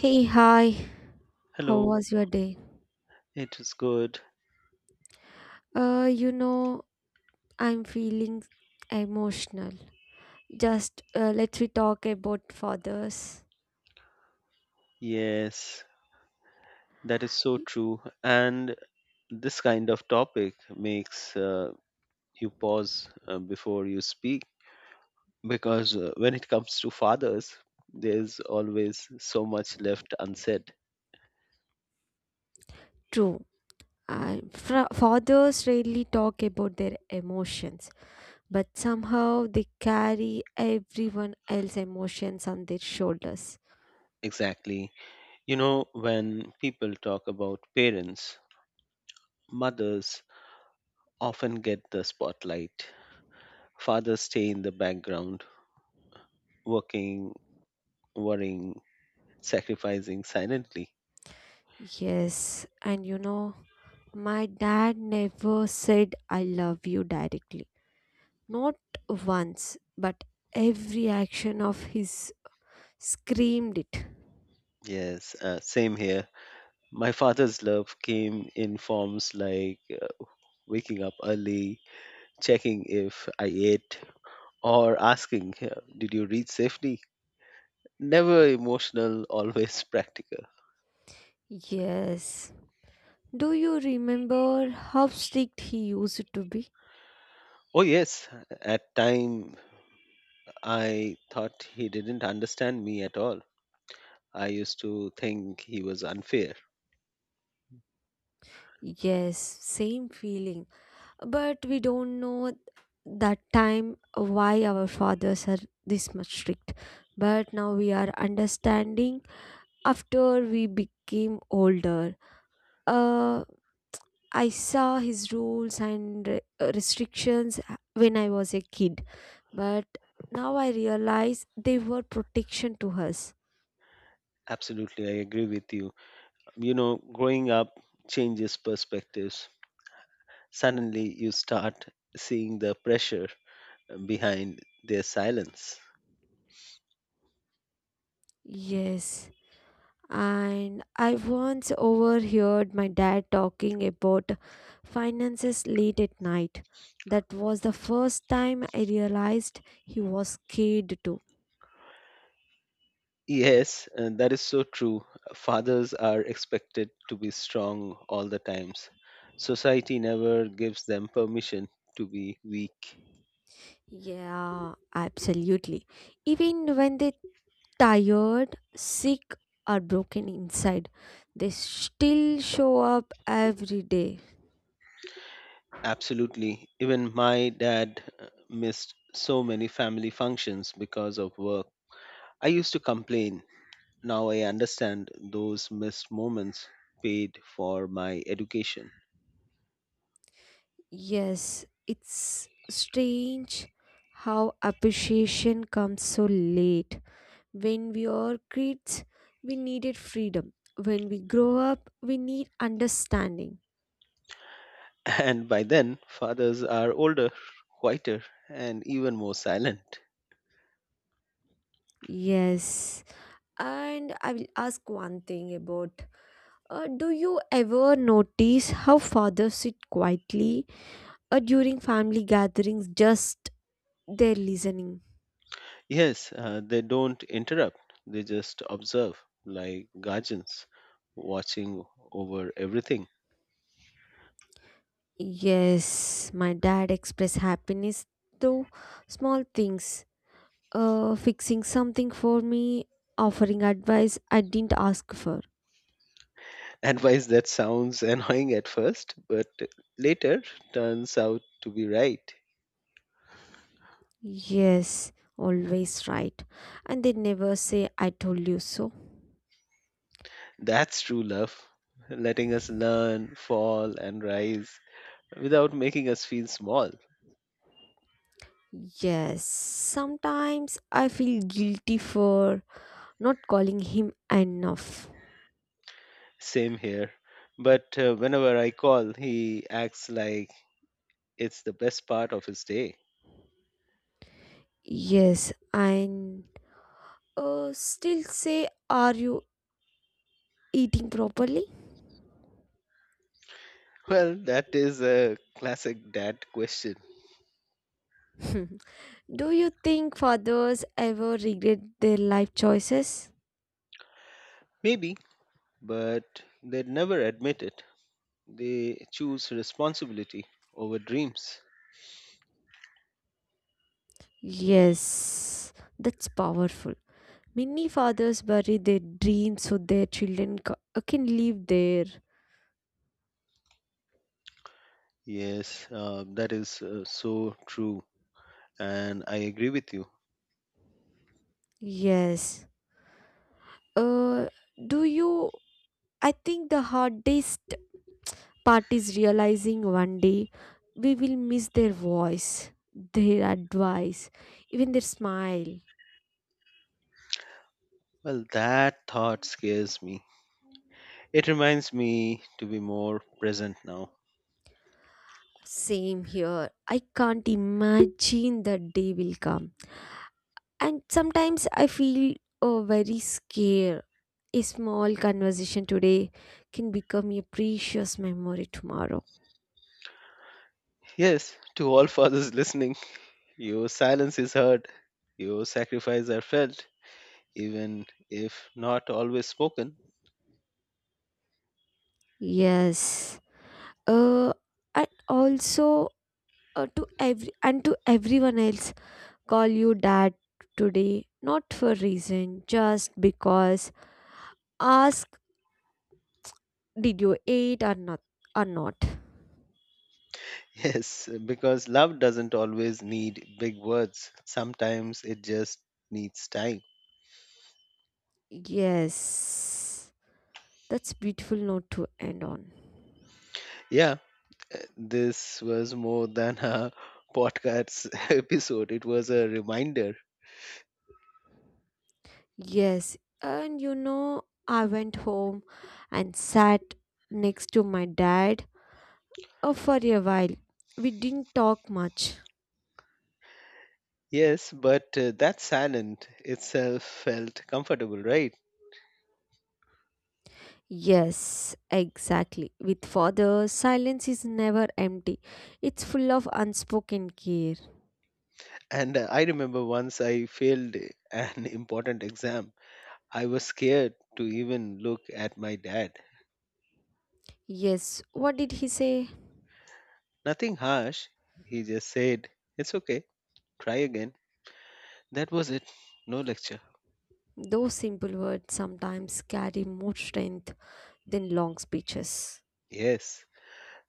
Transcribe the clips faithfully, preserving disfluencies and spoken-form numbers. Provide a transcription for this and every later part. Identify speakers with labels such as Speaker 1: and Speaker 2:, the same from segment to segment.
Speaker 1: Hey, hi. How
Speaker 2: Hello,
Speaker 1: was your day?
Speaker 2: it is good.
Speaker 1: Uh, you know, I'm feeling emotional. Just uh, let's we talk about fathers.
Speaker 2: Yes, that is so true. And this kind of topic makes uh, you pause uh, before you speak because uh, when it comes to fathers, there's always so much left unsaid.
Speaker 1: True. Uh, fra- Fathers rarely talk about their emotions, but somehow they carry everyone else's emotions on their shoulders.
Speaker 2: Exactly. You know, when people talk about parents, mothers often get the spotlight. Fathers stay in the background, working, worrying, sacrificing silently.
Speaker 1: Yes, and you know, my dad never said I love you directly. Not once, but every action of his screamed it.
Speaker 2: Yes, uh, same here. My father's love came in forms like uh, waking up early, checking if I ate, or asking, uh, did you reach safely? Never emotional, always practical.
Speaker 1: Yes. Do you remember how strict he used to be?
Speaker 2: Oh, yes, at time I thought he didn't understand me at all. I used to think he was unfair.
Speaker 1: Yes, same feeling. But we don't know that time why our fathers are this much strict. But now we are understanding after we became older. uh, I saw his rules and re- uh, restrictions uh, when I was a kid, but now I realize they were protection to us.
Speaker 2: Absolutely, I agree with you. You know, growing up changes perspectives. Suddenly, you start seeing the pressure behind their silence.
Speaker 1: Yes, and I once overheard my dad talking about finances late at night. That was the first time I realized he was scared too.
Speaker 2: Yes, and that is so true. Fathers are expected to be strong all the times. Society never gives them permission to be weak.
Speaker 1: Yeah, absolutely. Even when they tired, sick, or broken inside, they still show up every day.
Speaker 2: Absolutely. Even my dad uh, missed so many family functions because of work. I used to complain. Now I understand those missed moments paid for my education.
Speaker 1: Yes, it's strange how appreciation comes so late. When we are kids, we needed freedom. When we grow up, we need understanding.
Speaker 2: And by then, fathers are older, quieter, and even more silent.
Speaker 1: Yes. And I will ask one thing about Uh, do you ever notice how fathers sit quietly uh, during family gatherings, just there listening?
Speaker 2: Yes, uh, they don't interrupt, they just observe like guardians watching over everything.
Speaker 1: Yes, my dad expressed happiness through small things, uh, fixing something for me, offering advice I didn't ask for.
Speaker 2: Advice that sounds annoying at first, but later turns out to be right.
Speaker 1: Yes, always right. And they never say, I told you so.
Speaker 2: That's true love, letting us learn, fall, and rise without making us feel small.
Speaker 1: Yes, sometimes I feel guilty for not calling him enough.
Speaker 2: Same here. But uh, whenever I call, he acts like it's the best part of his day.
Speaker 1: Yes, and uh, still say, Are you eating properly?
Speaker 2: Well, that is a classic dad question.
Speaker 1: Do you think fathers ever regret their life choices?
Speaker 2: Maybe, but they never admit it. They choose responsibility over dreams.
Speaker 1: Yes, that's powerful. Many fathers bury their dreams so their children ca- uh, can live there.
Speaker 2: Yes, uh, that is uh, so true, and I agree with you.
Speaker 1: Yes. Uh, do you? I think the hardest parties realizing one day we will miss their voice, their advice, even their smile.
Speaker 2: Well, that thought scares me. It reminds me to be more present now.
Speaker 1: Same here. I can't imagine that day will come. And sometimes I feel oh, very scared. A small conversation today can become a precious memory tomorrow.
Speaker 2: Yes, to all fathers listening, your silence is heard, your sacrifices are felt, even if not always spoken.
Speaker 1: Yes. Uh, and also uh, to every and to everyone else call you dad today, not for reason, just because. Ask, did you eat or not? Or not?
Speaker 2: Yes, because love doesn't always need big words. Sometimes it just needs time.
Speaker 1: Yes, that's beautiful note to end on.
Speaker 2: Yeah, uh, this was more than a podcast episode. It was a reminder.
Speaker 1: Yes, and you know, I went home and sat next to my dad uh, for a while. We didn't talk much.
Speaker 2: Yes, but uh, that silent itself felt comfortable, right?
Speaker 1: Yes, exactly. With father, silence is never empty. It's full of unspoken care.
Speaker 2: And uh, I remember once I failed an important exam. I was scared to even look at my dad.
Speaker 1: Yes, what did he say?
Speaker 2: Nothing harsh. He just said, it's okay, try again. That was it. No lecture.
Speaker 1: Those simple words sometimes carry more strength than long speeches.
Speaker 2: Yes,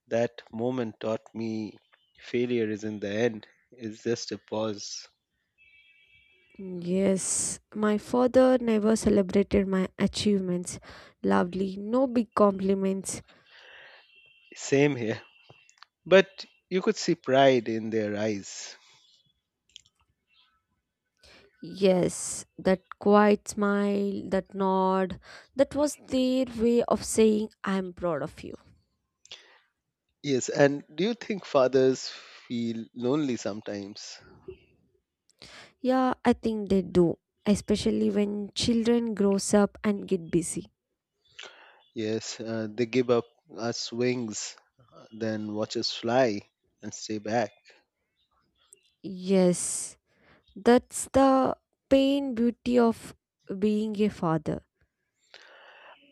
Speaker 2: that moment taught me failure isn't the end, it's just a pause.
Speaker 1: Yes, my father never celebrated my achievements loudly, no big compliments.
Speaker 2: Same here. But you could see pride in their eyes.
Speaker 1: Yes, that quiet smile, that nod, that was their way of saying, I am proud of you.
Speaker 2: Yes, and do you think fathers feel lonely sometimes?
Speaker 1: Yeah, I think they do, especially when children grows up and get busy.
Speaker 2: Yes, uh, they give up us wings, then watch us fly and stay back.
Speaker 1: Yes, that's the pain beauty of being a father.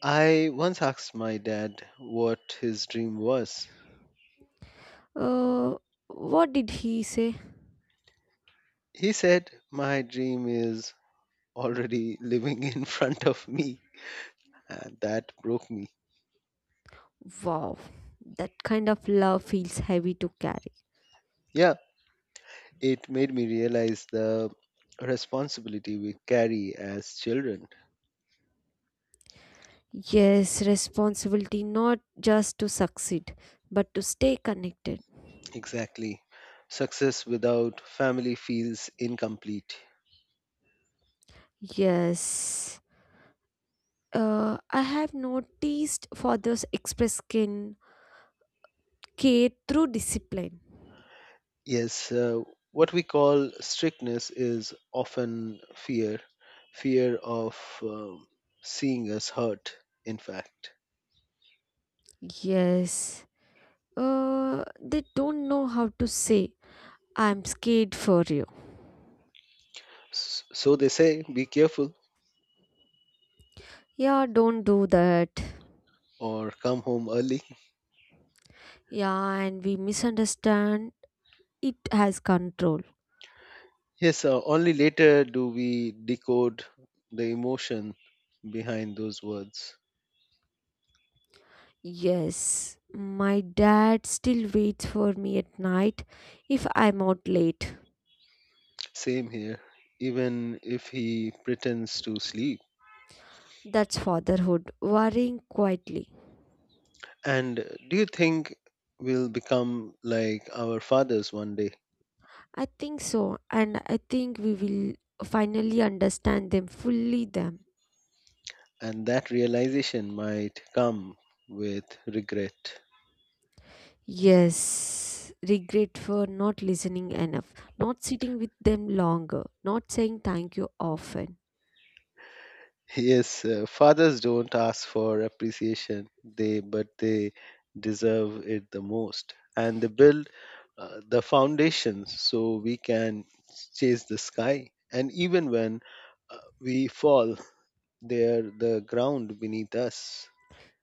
Speaker 2: I once asked my dad what his dream was.
Speaker 1: Uh, what did he say?
Speaker 2: He said, my dream is already living in front of me. And that broke me.
Speaker 1: Wow, that kind of love feels heavy to carry.
Speaker 2: Yeah, it made me realize the responsibility we carry as children.
Speaker 1: Yes, responsibility not just to succeed, but to stay connected.
Speaker 2: Exactly. Success without family feels incomplete.
Speaker 1: Yes. Uh, I have noticed fathers express skin care through discipline.
Speaker 2: Yes, uh, what we call strictness is often fear, fear of um, seeing us hurt, in fact.
Speaker 1: Yes. Uh, They don't know how to say, I'm scared for you.
Speaker 2: S- So they say, be careful
Speaker 1: Yeah, don't do that.
Speaker 2: or come home early.
Speaker 1: Yeah, and we misunderstand it as control.
Speaker 2: Yes, uh, only later do we decode the emotion behind those words.
Speaker 1: Yes, my dad still waits for me at night if I'm out late.
Speaker 2: Same here, even if he pretends to sleep.
Speaker 1: That's fatherhood, worrying quietly.
Speaker 2: And do you think we'll become like our fathers one day?
Speaker 1: I think so, and I think we will finally understand them fully. Them,
Speaker 2: And that realization might come with regret.
Speaker 1: yes, regret for not listening enough, not sitting with them longer, not saying thank you often.
Speaker 2: Yes, uh, fathers don't ask for appreciation, they but they deserve it the most. And they build uh, the foundation so we can chase the sky. And even when uh, we fall, they are the ground beneath us.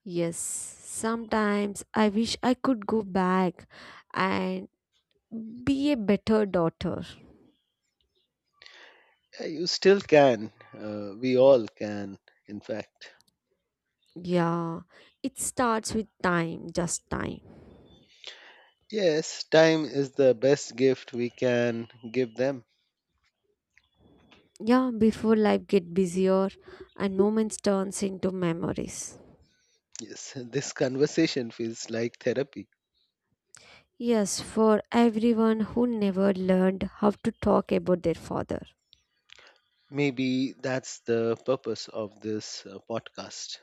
Speaker 1: Yes, sometimes I wish I could go back and be a better daughter.
Speaker 2: Yeah, you still can. Uh, we all can, in fact.
Speaker 1: Yeah, it starts with time, just time.
Speaker 2: Yes, time is the best gift we can give them.
Speaker 1: Yeah, before life get busier and moments turns into memories.
Speaker 2: Yes, this conversation feels like therapy.
Speaker 1: Yes, for everyone who never learned how to talk about their father.
Speaker 2: Maybe that's the purpose of this uh, podcast.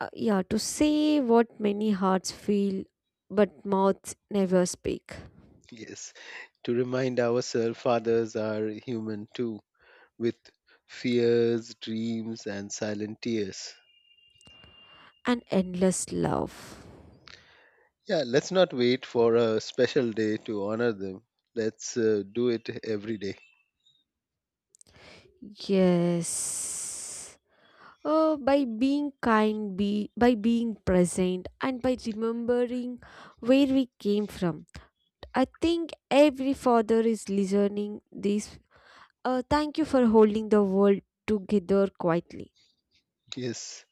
Speaker 1: Uh, yeah, to say what many hearts feel but mouths never speak.
Speaker 2: Yes, to remind ourselves fathers are human too, with fears, dreams, and silent tears.
Speaker 1: An endless love.
Speaker 2: Yeah, let's not wait for a special day to honor them. Let's uh, do it every day.
Speaker 1: Yes. Oh, by being kind, be by being present and by remembering where we came from I think every father is listening this. Uh, thank you for holding the world together quietly.
Speaker 2: Yes,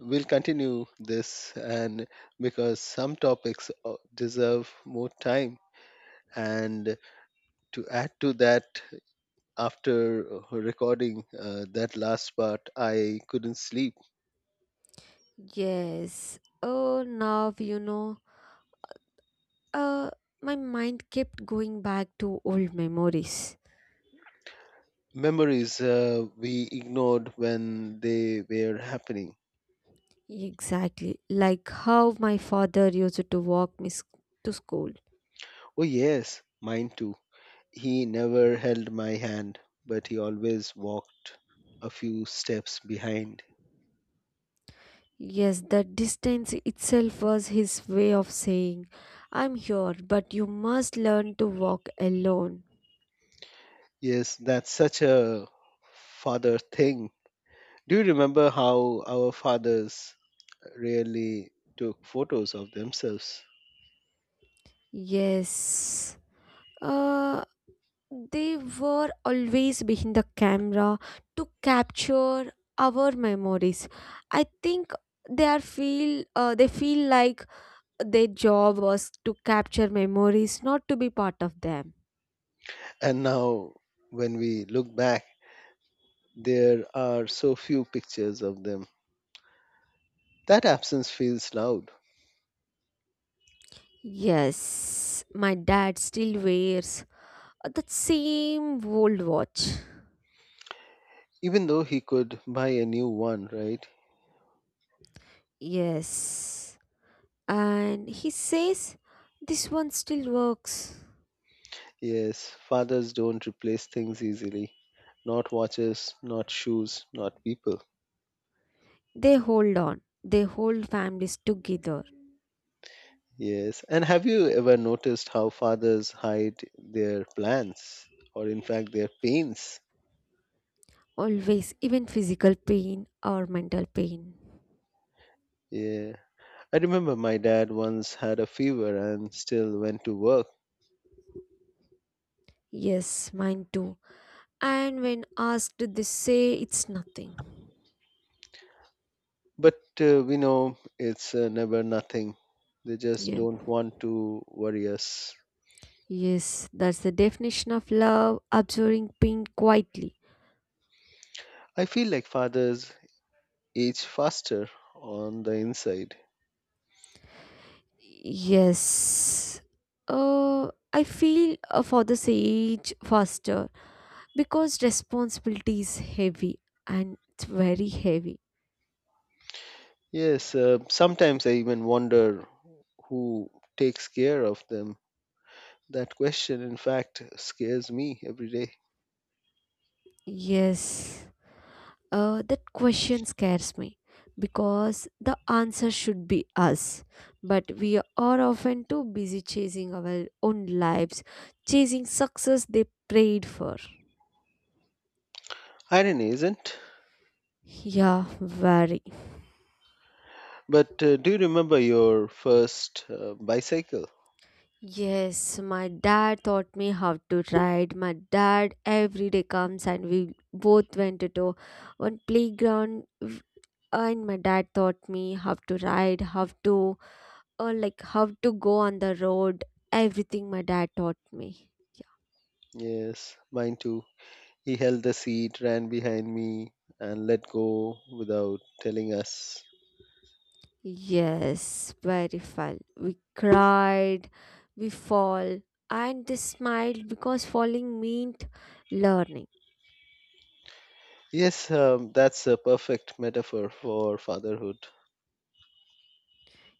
Speaker 2: we'll continue this, and because some topics uh, deserve more time. And to add to that, after uh, recording uh, that last part, I couldn't sleep.
Speaker 1: Yes. Oh, now you know. Uh, my mind kept going back to old memories.
Speaker 2: Memories uh, we ignored when they were happening.
Speaker 1: Exactly, like how my father used to walk me sc- to school.
Speaker 2: Oh, yes, mine too. He never held my hand, but he always walked a few steps behind.
Speaker 1: Yes, the distance itself was his way of saying, "I'm here, but you must learn to walk alone."
Speaker 2: Yes, that's such a father thing. Do you remember how our fathers really took photos of themselves?
Speaker 1: Yes. Uh, They were always behind the camera to capture our memories. I think they are feel uh, they feel like their job was to capture memories, not to be part of them.
Speaker 2: And now, when we look back, there are so few pictures of them. That absence feels loud.
Speaker 1: Yes, my dad still wears that same old watch.
Speaker 2: Even though he could buy a new one, right?
Speaker 1: Yes. And he says, This one still works.
Speaker 2: Yes, fathers don't replace things easily. Not watches, not shoes, not people.
Speaker 1: They hold on, they hold families together.
Speaker 2: Yes. And have you ever noticed how fathers hide their plans or, in fact, their pains?
Speaker 1: Always, even physical pain or mental pain.
Speaker 2: Yeah. I remember my dad once had a fever and still went to work.
Speaker 1: Yes, mine too. And when asked, they say it's nothing.
Speaker 2: But uh, we know it's uh, never nothing. They just
Speaker 1: Yeah.
Speaker 2: don't want to worry us.
Speaker 1: Yes, that's the definition of love, absorbing pain quietly.
Speaker 2: I feel like fathers age faster on the inside.
Speaker 1: Yes. Uh, I feel uh, For the sage faster because responsibility is heavy and it's very heavy.
Speaker 2: Yes, uh, sometimes I even wonder who takes care of them. That question, in fact, scares me every day.
Speaker 1: Yes. Uh, That question scares me because the answer should be us. But we are often too busy chasing our own lives, chasing success they prayed for.
Speaker 2: Irony, isn't?
Speaker 1: Yeah, very.
Speaker 2: But uh, do you remember your first uh, bicycle?
Speaker 1: Yes, my dad taught me how to ride. My dad every day comes and we both went to one playground w- and my dad taught me how to ride, how to uh, like how to go on the road everything my dad taught me yeah.
Speaker 2: Yes, mine too. He held the seat, ran behind me, and let go without telling us.
Speaker 1: Yes very fun we cried we fall and they smiled because falling meant learning
Speaker 2: Yes, um, that's a perfect metaphor for fatherhood.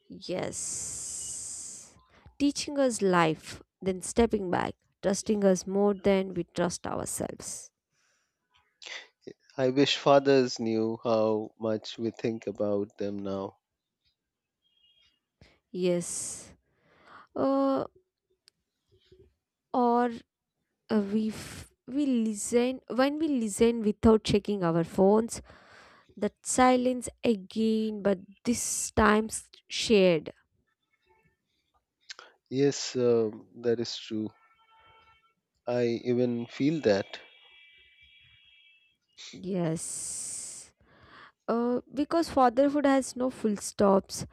Speaker 1: yes teaching us life then stepping back trusting us more than we trust ourselves
Speaker 2: I wish fathers knew how much we think about them now.
Speaker 1: yes uh, or uh, we f- we listen when we listen without checking our phones. That silence again, but this time s- shared.
Speaker 2: Yes, um, that is true. I even feel that.
Speaker 1: Yes. Uh, Because fatherhood has no full stops,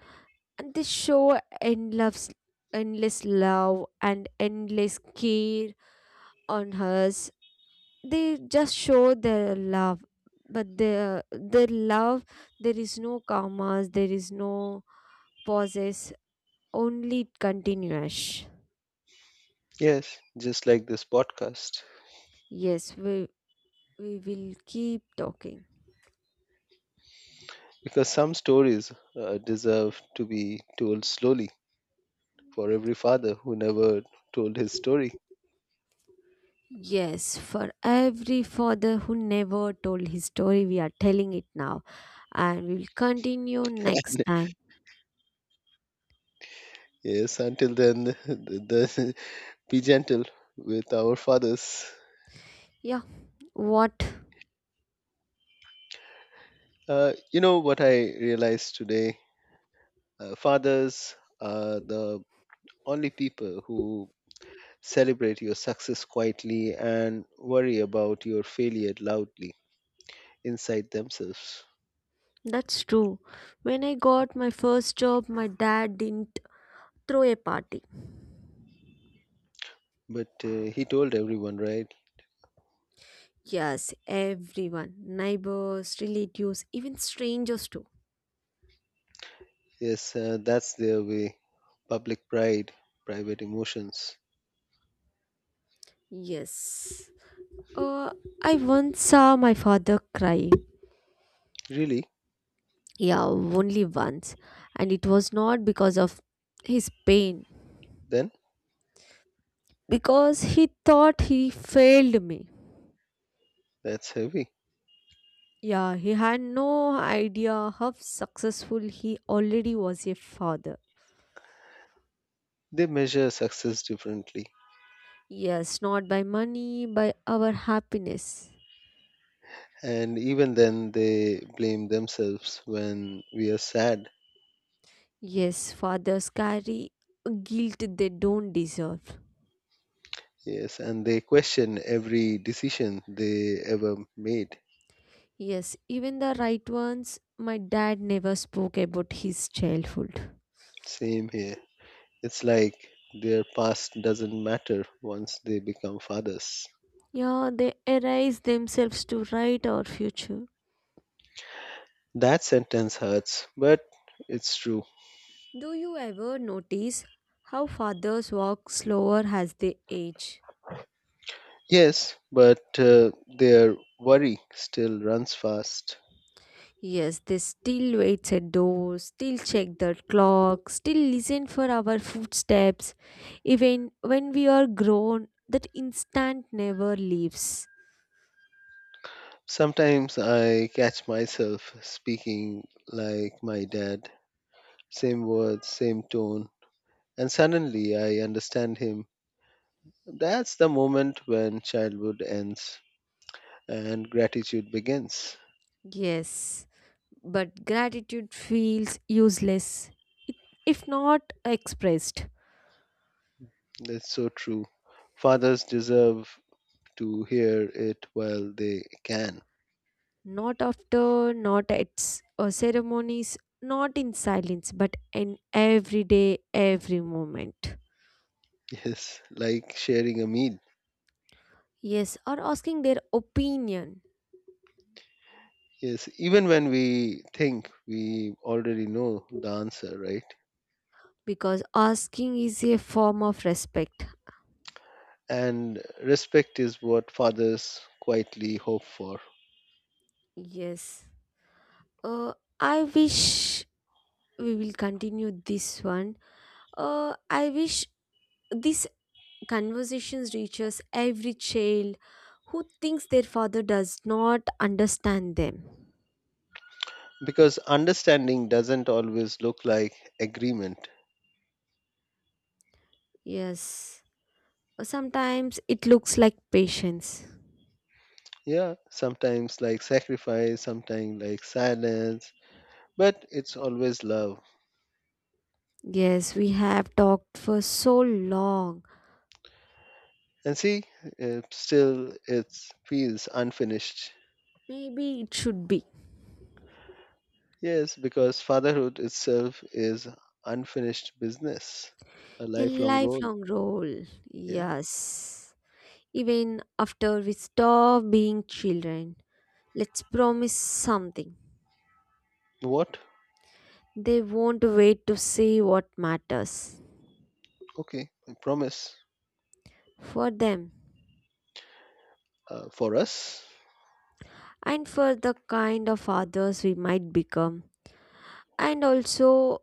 Speaker 1: and they show endless, endless love and endless care on us. They just show their love, but their their love there is no commas, there is no pauses, only continuous.
Speaker 2: Yes, just like this podcast.
Speaker 1: Yes, we we will keep talking.
Speaker 2: Because some stories uh, deserve to be told slowly for every father who never told his story.
Speaker 1: Yes, for every father who never told his story, we are telling it now and we will continue next time.
Speaker 2: Yes, until then, the, the, be gentle with our fathers.
Speaker 1: Yeah, what?
Speaker 2: Uh, you know what I realized today? Uh, fathers are the only people who celebrate your success quietly and worry about your failure loudly inside themselves.
Speaker 1: That's true. When I got my first job, my dad didn't throw a party.
Speaker 2: But uh, he told everyone, right?
Speaker 1: Yes, everyone, neighbors, relatives, even strangers too.
Speaker 2: Yes, uh, that's their way. Public pride, private emotions.
Speaker 1: Yes. Uh, I once saw my father cry.
Speaker 2: Really?
Speaker 1: Yeah, only once. And it was not because of his pain
Speaker 2: Then?
Speaker 1: because he thought he failed me.
Speaker 2: That's heavy.
Speaker 1: Yeah, he had no idea how successful he already was a father.
Speaker 2: They measure success differently.
Speaker 1: Yes, not by money, by our happiness.
Speaker 2: And even then, they blame themselves when we are sad.
Speaker 1: Yes, fathers carry a guilt they don't deserve.
Speaker 2: Yes, and they question every decision they ever made.
Speaker 1: Yes, even the right ones, my dad never spoke about his childhood.
Speaker 2: Same here. It's like their past doesn't matter once they become fathers.
Speaker 1: Yeah, they erase themselves to write our future.
Speaker 2: That sentence hurts, but it's true.
Speaker 1: Do you ever notice how fathers walk slower as they age?
Speaker 2: Yes, but uh, their worry still runs fast.
Speaker 1: Yes, they still waits at doors, still check the clock, still listen for our footsteps. Even when we are grown, that instant never leaves.
Speaker 2: Sometimes I catch myself speaking like my dad, same words, same tone, and suddenly I understand him. That's the moment when childhood ends and gratitude begins.
Speaker 1: Yes, but gratitude feels useless it- if not expressed.
Speaker 2: That's so true. Fathers deserve to hear it while they can.
Speaker 1: Not after, not at s- uh, ceremonies, not in silence, but in every day, every moment.
Speaker 2: Yes, like sharing a meal.
Speaker 1: Yes, or asking their opinion
Speaker 2: Yes, even when we think we already know the answer, right?
Speaker 1: because asking is a form of respect.
Speaker 2: And respect is what fathers quietly hope for.
Speaker 1: Yes. Uh, I wish we will continue this one. Uh, I wish this conversations reaches every child who thinks their father does not understand them.
Speaker 2: Because understanding doesn't always look like agreement.
Speaker 1: Yes. Uh, Sometimes it looks like patience.
Speaker 2: Yeah, sometimes like sacrifice, sometimes like silence, but it's always love.
Speaker 1: Yes, we have talked for so long.
Speaker 2: And see, uh, still it feels unfinished.
Speaker 1: Maybe it should be
Speaker 2: Yes, because fatherhood itself is unfinished business, a
Speaker 1: a
Speaker 2: lifelong role.
Speaker 1: lifelong role.
Speaker 2: Yeah.
Speaker 1: Yes. Even after we stop being children, let's promise something.
Speaker 2: What?
Speaker 1: They won't wait to see what matters
Speaker 2: Okay, I promise.
Speaker 1: for them
Speaker 2: Uh, for us,
Speaker 1: and for the kind of others we might become. And also,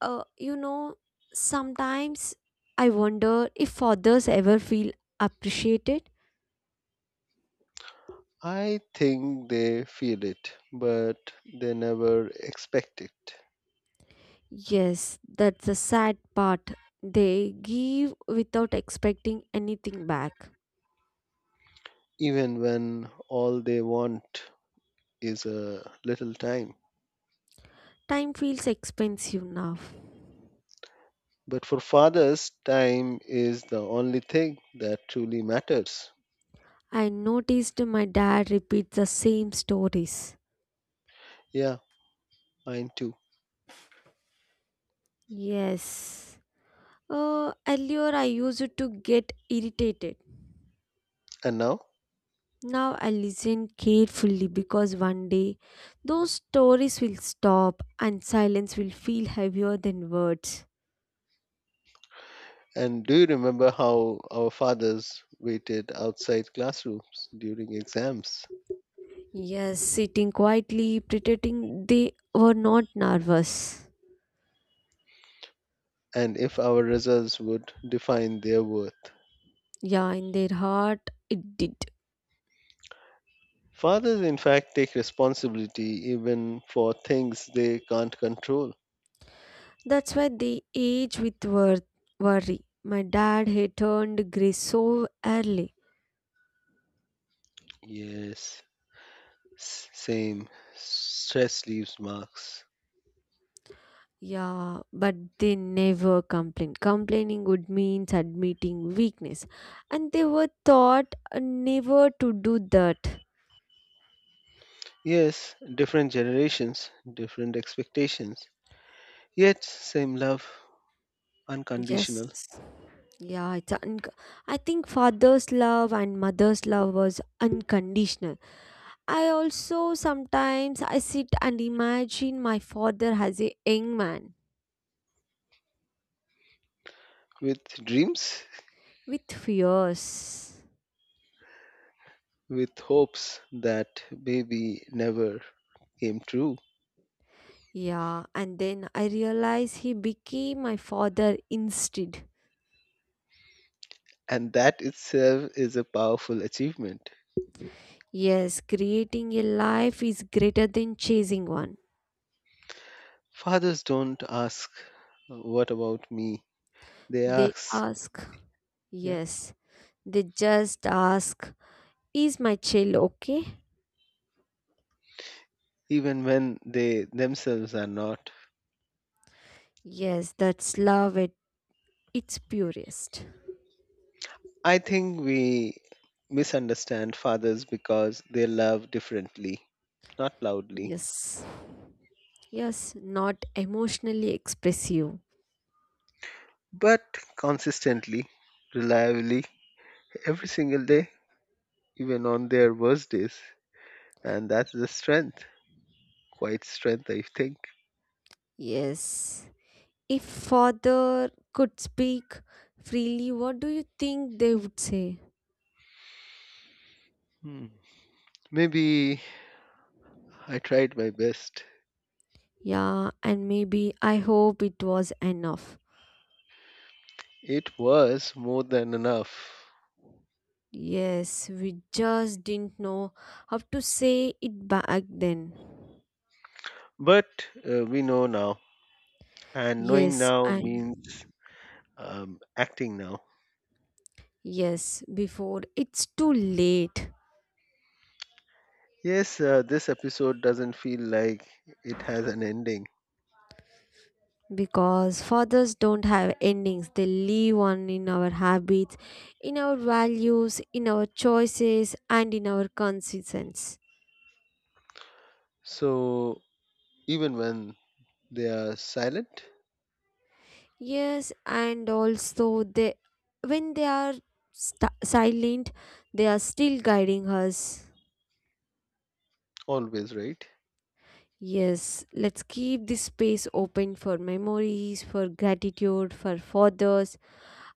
Speaker 1: uh, you know, sometimes I wonder if others ever feel appreciated.
Speaker 2: I think they feel it, but they never expect it,
Speaker 1: Yes, that's the sad part. They give without expecting anything back.
Speaker 2: even when all they want is a little time.
Speaker 1: Time feels expensive now.
Speaker 2: But for fathers, time is the only thing that truly matters.
Speaker 1: I noticed my dad repeats the same stories.
Speaker 2: Yeah, mine too.
Speaker 1: Yes. Uh, Earlier, I used to get irritated.
Speaker 2: And now?
Speaker 1: Now I listen carefully because one day those stories will stop and silence will feel heavier than words.
Speaker 2: And do you remember how our fathers waited outside classrooms during exams?
Speaker 1: Yes, sitting quietly, pretending they were not nervous.
Speaker 2: And if our results would define their worth?
Speaker 1: Yeah, in their heart, it did.
Speaker 2: Fathers, in fact, take responsibility even for things they can't control.
Speaker 1: That's why they age with wor- worry. My dad had turned gray so early.
Speaker 2: Yes, s- same. Stress leaves marks.
Speaker 1: Yeah, but they never complained. Complaining would mean admitting weakness. And they were taught uh, never to do that.
Speaker 2: Yes, different generations, different expectations. Yet, same love,
Speaker 1: Yes.
Speaker 2: unconditional,
Speaker 1: Yeah, it's un- I think father's love and mother's love was unconditional. I also sometimes I sit and imagine my father as a young man
Speaker 2: with dreams,
Speaker 1: with fears.
Speaker 2: with hopes that maybe never came true.
Speaker 1: Yeah, and then I realize he became my father instead.
Speaker 2: And that itself is a powerful achievement.
Speaker 1: Yes, creating a life is greater than chasing one.
Speaker 2: Fathers don't ask, what about me? They
Speaker 1: They
Speaker 2: ask,
Speaker 1: ask, yes, they just ask, is my child okay?
Speaker 2: even when they themselves are not.
Speaker 1: Yes, that's love at its purest.
Speaker 2: I think we misunderstand fathers because they love differently, not loudly,
Speaker 1: Yes, yes, not emotionally expressive.
Speaker 2: but consistently, reliably, every single day, even on their worst days. And that's the strength, quite strength, I think.
Speaker 1: Yes. If father could speak freely, what do you think they would say?
Speaker 2: Hmm. Maybe I tried my best.
Speaker 1: Yeah, and maybe I hope it was enough.
Speaker 2: It was more than enough.
Speaker 1: Yes, we just didn't know how to say it back then.
Speaker 2: But uh, we know now, and knowing
Speaker 1: Yes,
Speaker 2: now means
Speaker 1: and
Speaker 2: um, acting now.
Speaker 1: yes, before it's too late
Speaker 2: Yes, uh, this episode doesn't feel like it has an ending.
Speaker 1: because fathers don't have endings. They live on in our habits, in our values, in our choices, and in our consistency.
Speaker 2: So, even when they are silent,
Speaker 1: Yes, and also they when they are st- silent, they are still guiding us.
Speaker 2: always, right?
Speaker 1: Yes, let's keep this space open for memories, for gratitude, for fathers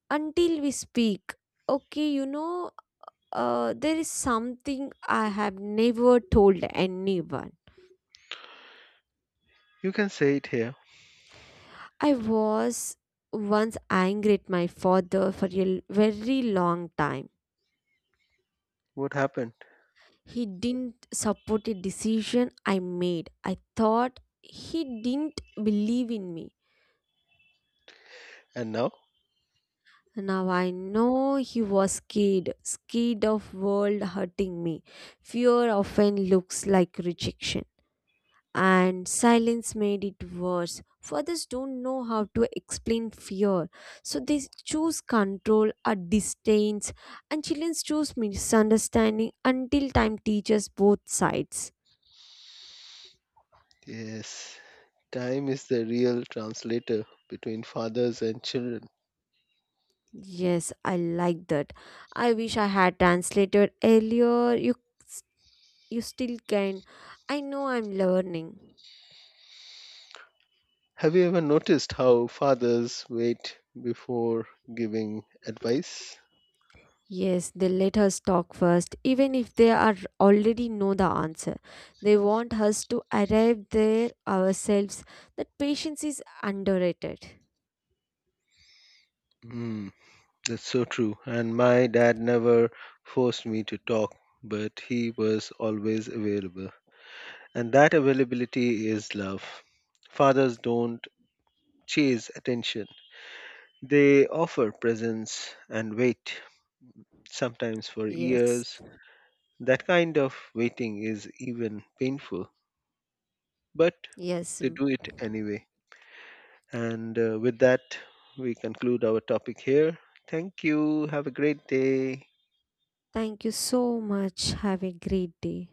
Speaker 1: until we speak. Okay, you know, uh, there is something I have never told anyone.
Speaker 2: You can say it here.
Speaker 1: I was once angry at my father for a l- very long time.
Speaker 2: What happened?
Speaker 1: He didn't support a decision I made. I thought he didn't believe in me.
Speaker 2: And now?
Speaker 1: Now I know he was scared, scared of world hurting me. Fear often looks like rejection, and silence made it worse. Fathers don't know how to explain fear, so they choose control or distance, and children choose misunderstanding until time teaches both sides.
Speaker 2: Yes, time is the real translator between fathers and children.
Speaker 1: Yes, I like that. I wish I had translated earlier. You, you still can. I know I'm learning.
Speaker 2: Have you ever noticed how fathers wait before giving advice?
Speaker 1: Yes, they let us talk first, even if they are already know the answer. They want us to arrive there ourselves. That patience is underrated.
Speaker 2: Hmm, that's so true. And my dad never forced me to talk, but he was always available. And that availability is love. Fathers don't chase attention, they offer presence and wait, sometimes for
Speaker 1: Yes.
Speaker 2: years. That kind of waiting is even painful, but
Speaker 1: Yes.
Speaker 2: they do it anyway. And uh, with that, we conclude our topic here. Thank you. Have a great day.
Speaker 1: Thank you so much. Have a great day.